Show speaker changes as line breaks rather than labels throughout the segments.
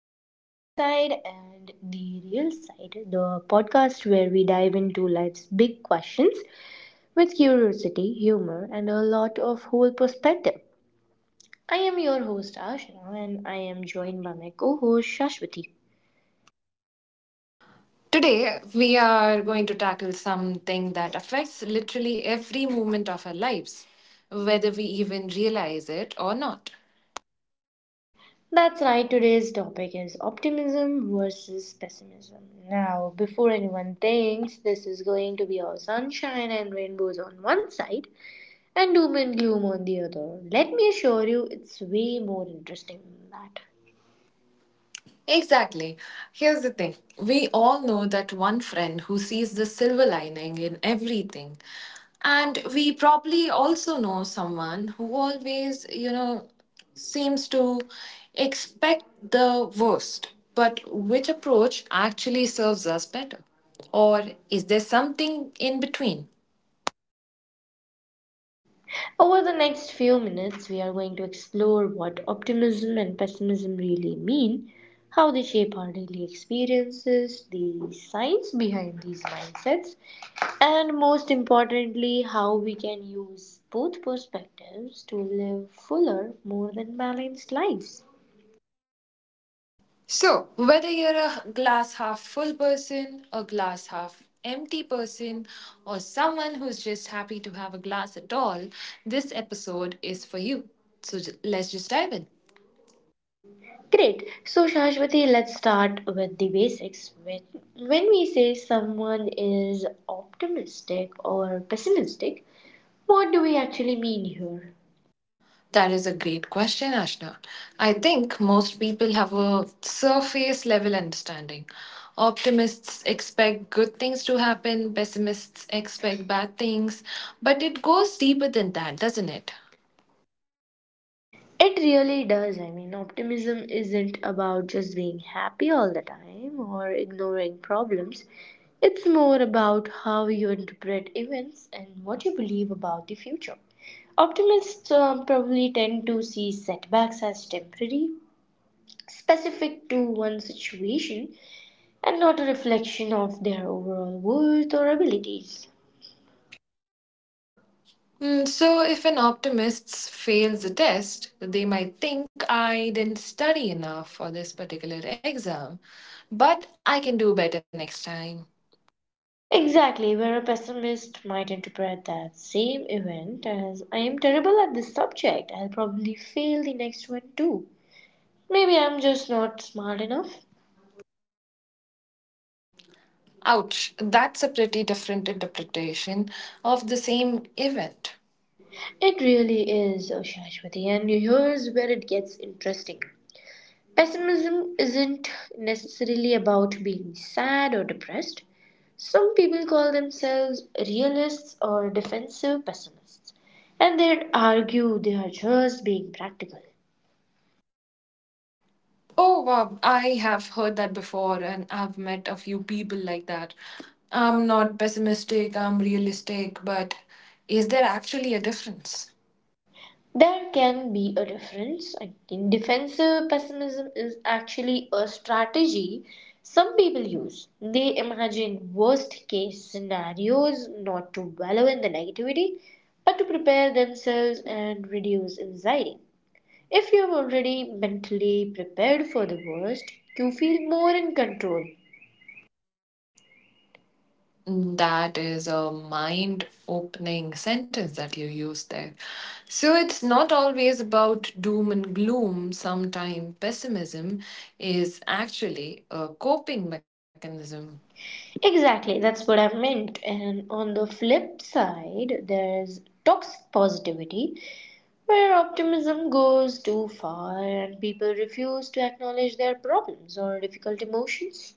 to The Bright Side and The Real Side, the podcast where we dive into life's big questions with curiosity, humor, and a lot of whole perspective. I am your host, Ashna, and I am joined by my co host, Shashwati.
Today, we are going to tackle something that affects literally every moment of our lives, whether we even realize it or not.
That's right, today's topic is optimism versus pessimism. Now, before anyone thinks this is going to be all sunshine and rainbows on one side, and doom and gloom on the other. Let me assure you, it's way more interesting than that.
Exactly. Here's the thing, we all know that one friend who sees the silver lining in everything. And we probably also know someone who always, seems to expect the worst. But which approach actually serves us better? Or is there something in between?
Over the next few minutes, we are going to explore what optimism and pessimism really mean, how they shape our daily experiences, the science behind these mindsets, and most importantly, how we can use both perspectives to live fuller, more than balanced lives.
So, whether you're a glass half full person, a glass half empty person, or someone who's just happy to have a glass at all, this episode is for you. So, let's just dive in.
Great. So, Shashwati, let's start with the basics. When we say someone is optimistic or pessimistic, what do we actually mean here?
That is a great question, Ashna. I think most people have a surface level understanding. Optimists expect good things to happen, pessimists expect bad things, but it goes deeper than that, doesn't it?
It really does. I mean, optimism isn't about just being happy all the time or ignoring problems. It's more about how you interpret events and what you believe about the future. Optimists probably tend to see setbacks as temporary, specific to one situation and not a reflection of their overall worth or abilities.
Mm, so, if an optimist fails the test, they might think I didn't study enough for this particular exam, but I can do better next time.
Exactly, where a pessimist might interpret that same event as I am terrible at this subject, I'll probably fail the next one too. Maybe I'm just not smart enough.
Ouch, that's a pretty different interpretation of the same event.
It really is, oh Shashwati, and here's where it gets interesting. Pessimism isn't necessarily about being sad or depressed. Some people call themselves realists or defensive pessimists, and they argue they are just being practical.
Oh, wow, I have heard that before, and I've met a few people like that. I'm not pessimistic, I'm realistic, but is there actually a difference?
There can be a difference. I think defensive pessimism is actually a strategy some people use. They imagine worst case scenarios not to wallow in the negativity, but to prepare themselves and reduce anxiety. If you're already mentally prepared for the worst, you feel more in control.
That is a mind opening sentence that you used there. So it's not always about doom and gloom. Sometimes pessimism is actually a coping mechanism.
Exactly, that's what I meant. And on the flip side, there's toxic positivity, where optimism goes too far and people refuse to acknowledge their problems or difficult emotions.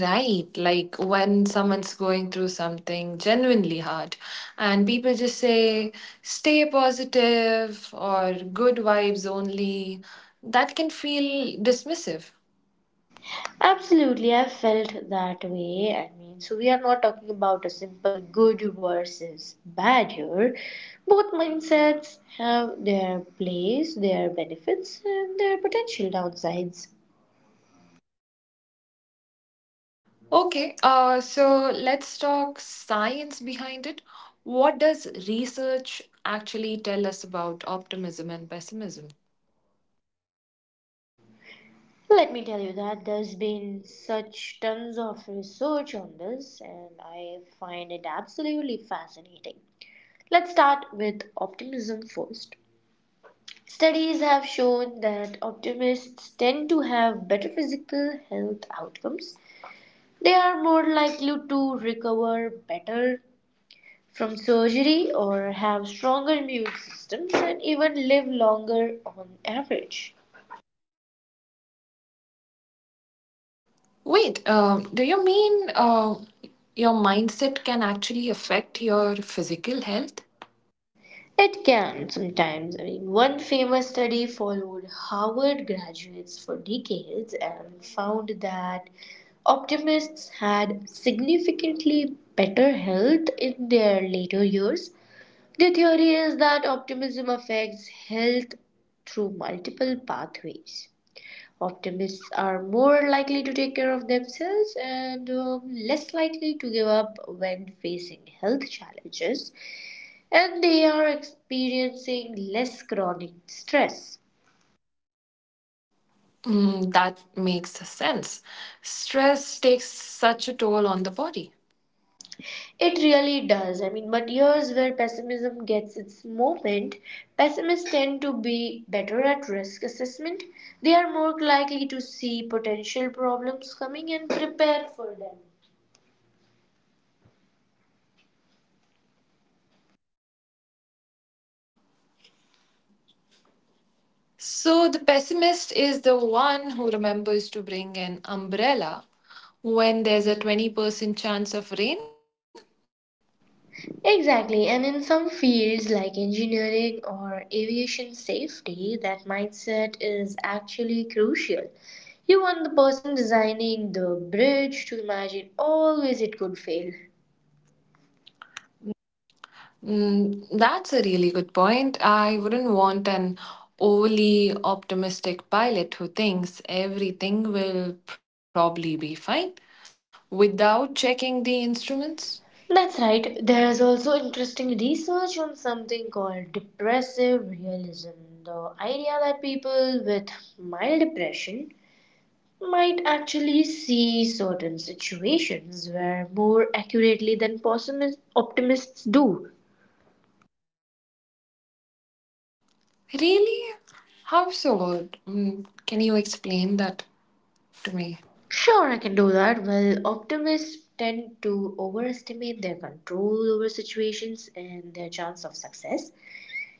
Right, like when someone's going through something genuinely hard, and people just say, stay positive or good vibes only, that can feel dismissive.
Absolutely, I felt that way. I mean, so we are not talking about a simple good versus bad here. Both mindsets have their place, their benefits, and their potential downsides.
Okay, so let's talk science behind it. What does research actually tell us about optimism and pessimism?
Let me tell you that there's been such tons of research on this, and I find it absolutely fascinating. Let's start with optimism first. Studies have shown that optimists tend to have better physical health outcomes. They are more likely to recover better from surgery or have stronger immune systems and even live longer on average.
Wait, do you mean your mindset can actually affect your physical health?
It can sometimes. I mean, one famous study followed Harvard graduates for decades and found that optimists had significantly better health in their later years. The theory is that optimism affects health through multiple pathways. Optimists are more likely to take care of themselves and less likely to give up when facing health challenges, and they are experiencing less chronic stress.
Mm, that makes sense. Stress takes such a toll on the body.
It really does. I mean, but years where pessimism gets its moment, pessimists tend to be better at risk assessment. They are more likely to see potential problems coming and prepare for them.
So the pessimist is the one who remembers to bring an umbrella when there's a 20% chance of rain.
Exactly, and in some fields like engineering or aviation safety, that mindset is actually crucial. You want the person designing the bridge to imagine always it could fail.
Mm, that's a really good point. I wouldn't want an overly optimistic pilot who thinks everything will probably be fine without checking the instruments.
That's right, there is also interesting research on something called depressive realism, the idea that people with mild depression might actually see certain situations where more accurately than optimists do.
Really? How so? Mm, can you explain that to me?
Sure, I can do that. Well, optimists tend to overestimate their control over situations and their chance of success.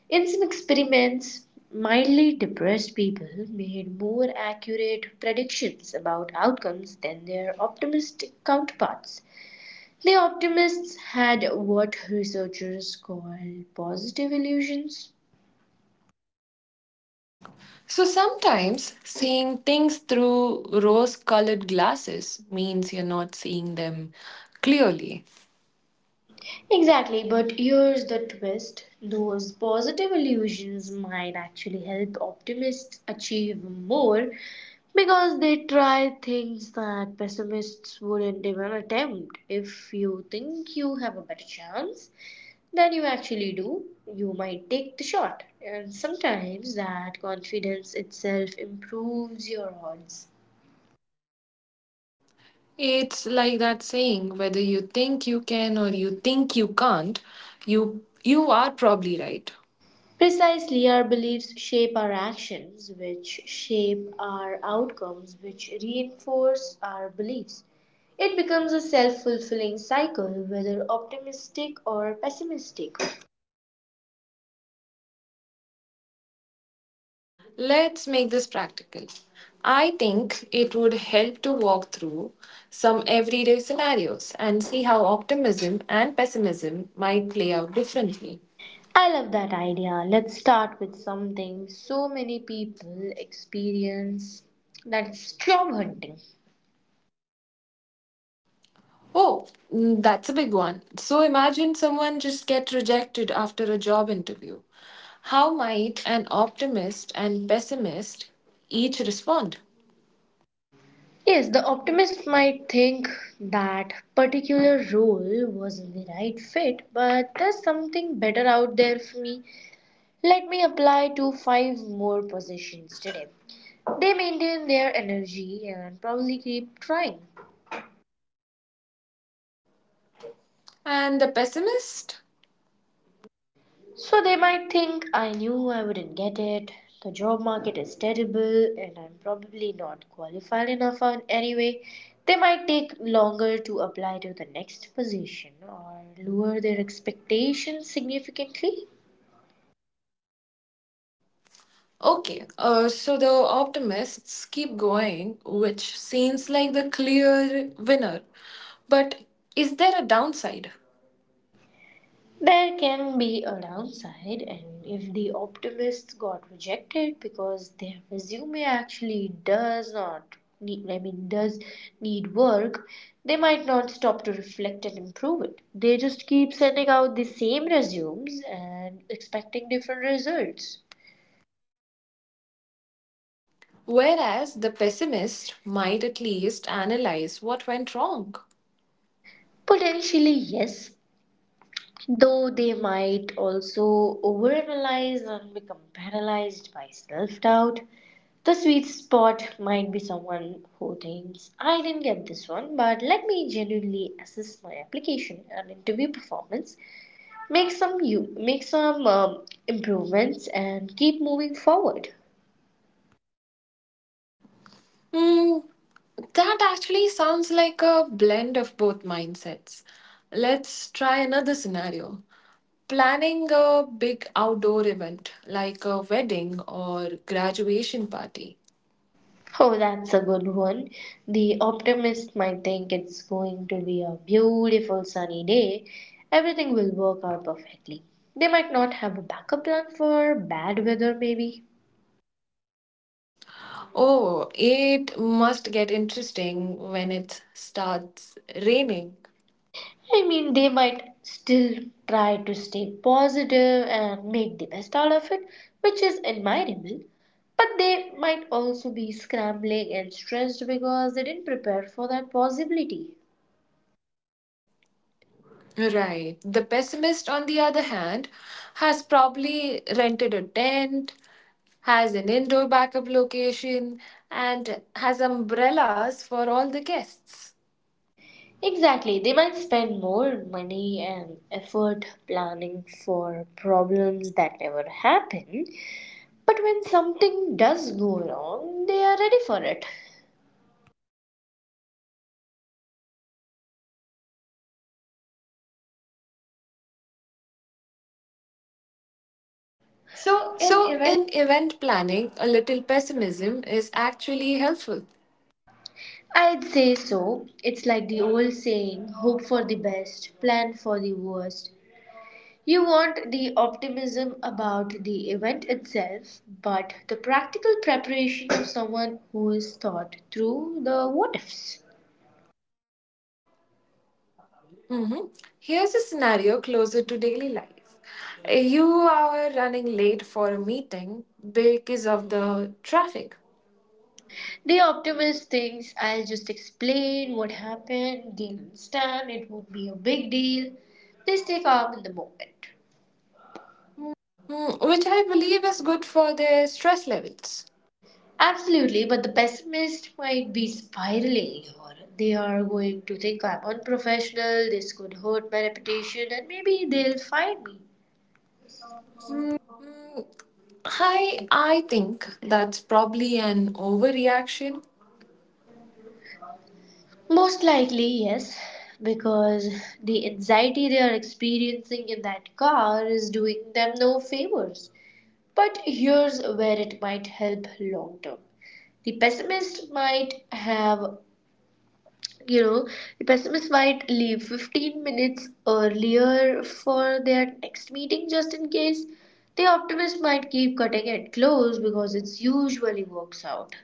In some experiments, mildly depressed people made more accurate predictions about outcomes than their optimistic counterparts. The optimists had what researchers call positive illusions.
So sometimes seeing things through rose colored glasses means you're not seeing them clearly.
Exactly, but here's the twist, those positive illusions might actually help optimists achieve more because they try things that pessimists wouldn't even attempt. If you think you have a better chance than you actually do, you might take the shot. And sometimes that confidence itself improves your odds.
It's like that saying whether you think you can or you think you can't, you are probably right.
Precisely, our beliefs shape our actions, which shape our outcomes, which reinforce our beliefs. It becomes a self fulfilling cycle, whether optimistic or pessimistic.
Let's make this practical. I think it would help to walk through some everyday scenarios and see how optimism and pessimism might play out differently.
I love that idea. Let's start with something so many people experience, that's job hunting.
Oh, mm, that's a big one. So imagine someone just get rejected after a job interview. How might an optimist and pessimist each respond?
Yes, the optimist might think that particular role wasn't the right fit, but there's something better out there for me. Let me apply to five more positions today. They maintain their energy and probably keep trying.
And the pessimist?
So they might think I knew I wouldn't get it. The job market is terrible and I'm probably not qualified enough anyway. They might take longer to apply to the next position or lower their expectations significantly.
Okay, so the optimists keep going, which seems like the clear winner. But is there a downside?
There can be a downside, and if the optimists got rejected because their resume actually does not need, I mean, does need work, they might not stop to reflect and improve it. They just keep sending out the same resumes and expecting different results.
Whereas the pessimist might at least analyze what went wrong.
Potentially, yes, though they might also overanalyze and become paralyzed by self doubt. The sweet spot might be someone who thinks, I didn't get this one, but let me genuinely assess my application and interview performance, make some improvements, and keep moving forward.
Hmm, that actually sounds like a blend of both mindsets. Let's try another scenario. Planning a big outdoor event like a wedding or graduation party.
Oh, that's a good one. The optimist might think it's going to be a beautiful sunny day. Everything will work out perfectly. They might not have a backup plan for bad weather, maybe.
Oh, it must get interesting when it starts raining.
I mean, they might still try to stay positive and make the best out of it, which is admirable. But they might also be scrambling and stressed because they didn't prepare for that possibility.
Right. The pessimist, on the other hand, has probably rented a tent, has an indoor backup location, and has umbrellas for all the guests.
Exactly. They might spend more money and effort planning for problems that never happen, but when something does go wrong, they are ready for it. So, in
So,
event
in event planning, a little pessimism is actually helpful.
I'd say so. It's like the old saying hope for the best, plan for the worst. You want the optimism about the event itself, but the practical preparation of someone who is thought through the what ifs.
Mhm. Here's a scenario closer to daily life. You are running late for a meeting because of the traffic,
The optimist thinks I'll just explain what happened, they'll understand, it won't be a big deal. They stay calm in the moment.
mm, which I believe is good for their stress levels.
Absolutely, but the pessimist might be spiraling, or they are going to think I'm unprofessional, this could hurt my reputation, and maybe they'll fire me.
Mm, I think that's probably an overreaction.
Most likely, yes, because the anxiety they are experiencing in that car is doing them no favors. But here's where it might help long term. The pessimist might have you know the pessimist might leave 15 minutes earlier for their next meeting, just in case. The optimist might keep cutting it close because it usually works out.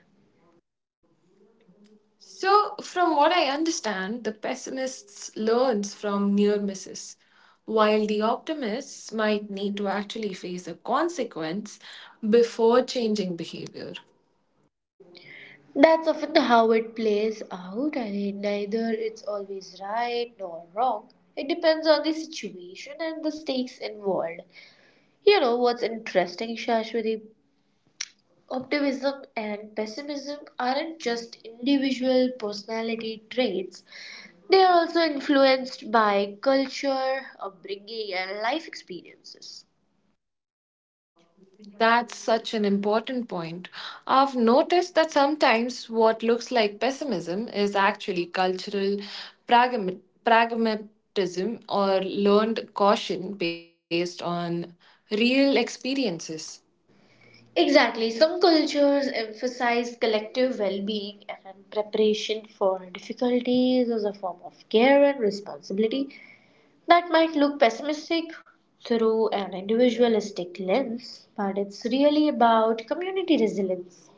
So, from what I understand, the pessimist learns from near misses, while the optimists might need to actually face a consequence before changing behavior.
That's often how it plays out. I mean, neither it's always right nor wrong. It depends on the situation and the stakes involved. You know what's interesting, Shashwati, optimism and pessimism aren't just individual personality traits, they are also influenced by culture, upbringing, and life experiences.
That's such an important point. I've noticed that sometimes what looks like pessimism is actually cultural pragma- pragmatism or learned caution based on real experiences.
Exactly, some cultures emphasize collective well being and preparation for difficulties as a form of care and responsibility. That might look pessimistic through an individualistic lens, but it's really about community resilience.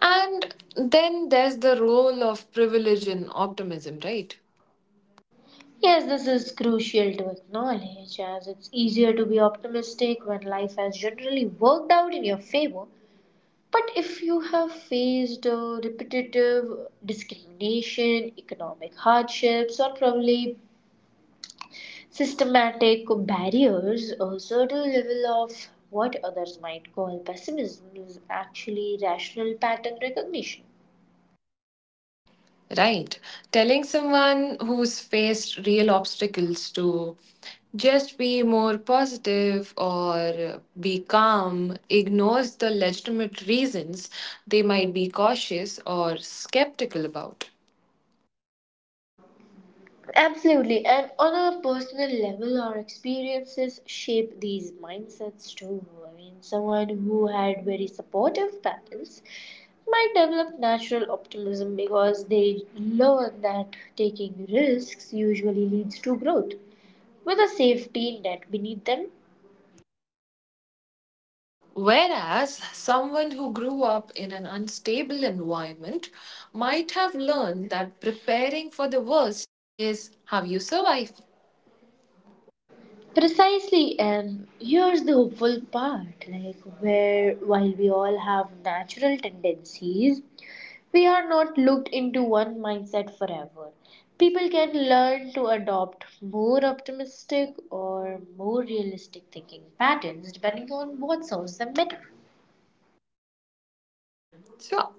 And then there's the role of privilege in optimism, right?
Yes, this is crucial to acknowledge as it's easier to be optimistic when life has generally worked out in your favor. But if you have faced repetitive discrimination, economic hardships, or probably systematic barriers, a certain level of what others might call pessimism is actually rational pattern recognition.
Right. Telling someone who's faced real obstacles to just be more positive or be calm ignores the legitimate reasons they might be cautious or skeptical about.
Absolutely. And on a personal level, our experiences shape these mindsets too. I mean, someone who had very supportive parents might develop natural optimism because they learn that taking risks usually leads to growth with a safety net beneath them.
Whereas someone who grew up in an unstable environment might have learned that preparing for the worst is how you survive.
Precisely, and here's the hopeful part, like, where while we all have natural tendencies, we are not locked into one mindset forever. People can learn to adopt more optimistic or more realistic thinking patterns depending on what serves them better.
So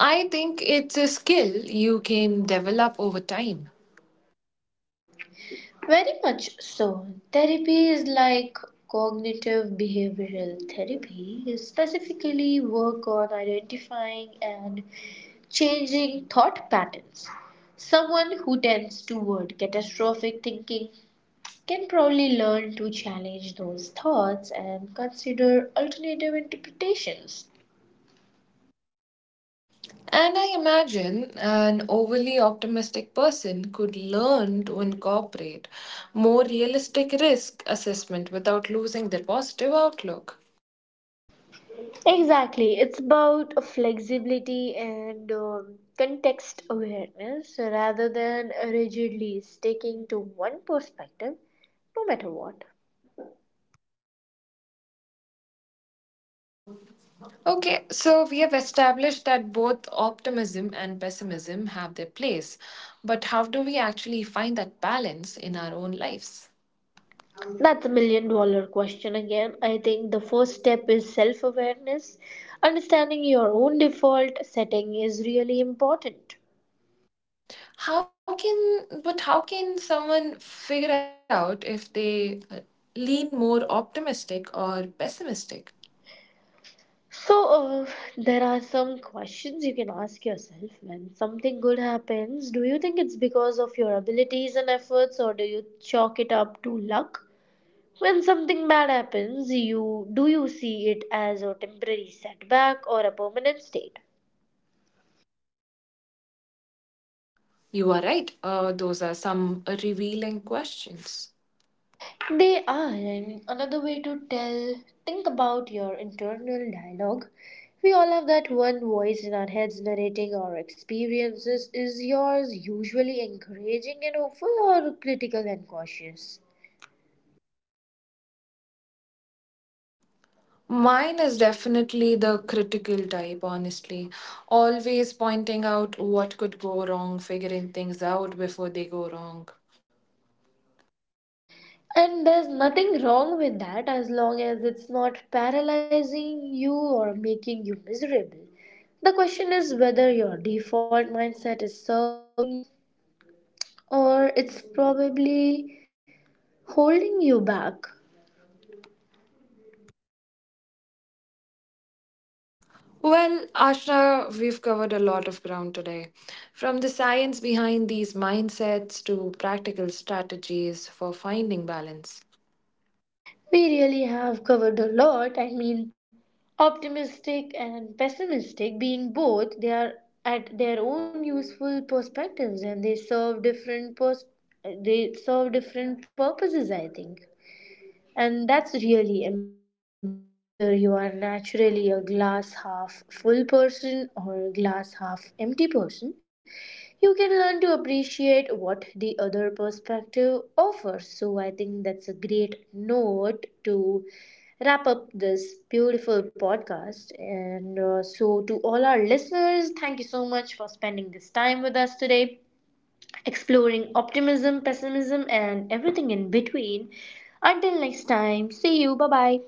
I think it's a skill you can develop over time.
Very much so. Therapy is like cognitive behavioral therapy, is specifically work on identifying and changing thought patterns. Someone who tends toward catastrophic thinking can probably learn to challenge those thoughts and consider alternative interpretations.
And I imagine an overly optimistic person could learn to incorporate more realistic risk assessment without losing their positive outlook.
Exactly. It's about a flexibility and context awareness rather than rigidly sticking to one perspective no matter what.
Okay, so we have established that both optimism and pessimism have their place, but how do we actually find that balance in our own lives?
That's a million dollar question again. I think the first step is self awareness. Understanding your own default setting is really important.
How can but how can someone figure out if they lean more optimistic or pessimistic?
So, there are some questions you can ask yourself when something good happens. Do you think it's because of your abilities and efforts, or do you chalk it up to luck? When something bad happens, you do you see it as a temporary setback or a permanent state?
You are right. Those are some revealing questions.
They are, I mean, another way to tell, think about your internal dialogue. We all have that one voice in our heads narrating our experiences. Is yours usually encouraging and hopeful or critical and cautious?
Mine is definitely the critical type, honestly. Always pointing out what could go wrong, figuring things out before they go wrong.
And there's nothing wrong with that as long as it's not paralyzing you or making you miserable. The question is whether your default mindset is serving you or it's probably holding you back.
Well, Ashna, we've covered a lot of ground today. From the science behind these mindsets to practical strategies for finding balance.
We really have covered a lot. I mean, optimistic and pessimistic being both, they are at their own useful perspectives and they serve different purposes, I think. And that's really empowering, whether you are naturally a glass half full person or a glass half empty person. You can learn to appreciate what the other perspective offers. So, I think that's a great note to wrap up this beautiful podcast. And so, to all our listeners, thank you so much for spending this time with us today exploring optimism, pessimism, and everything in between. Until next time, see you. Bye bye.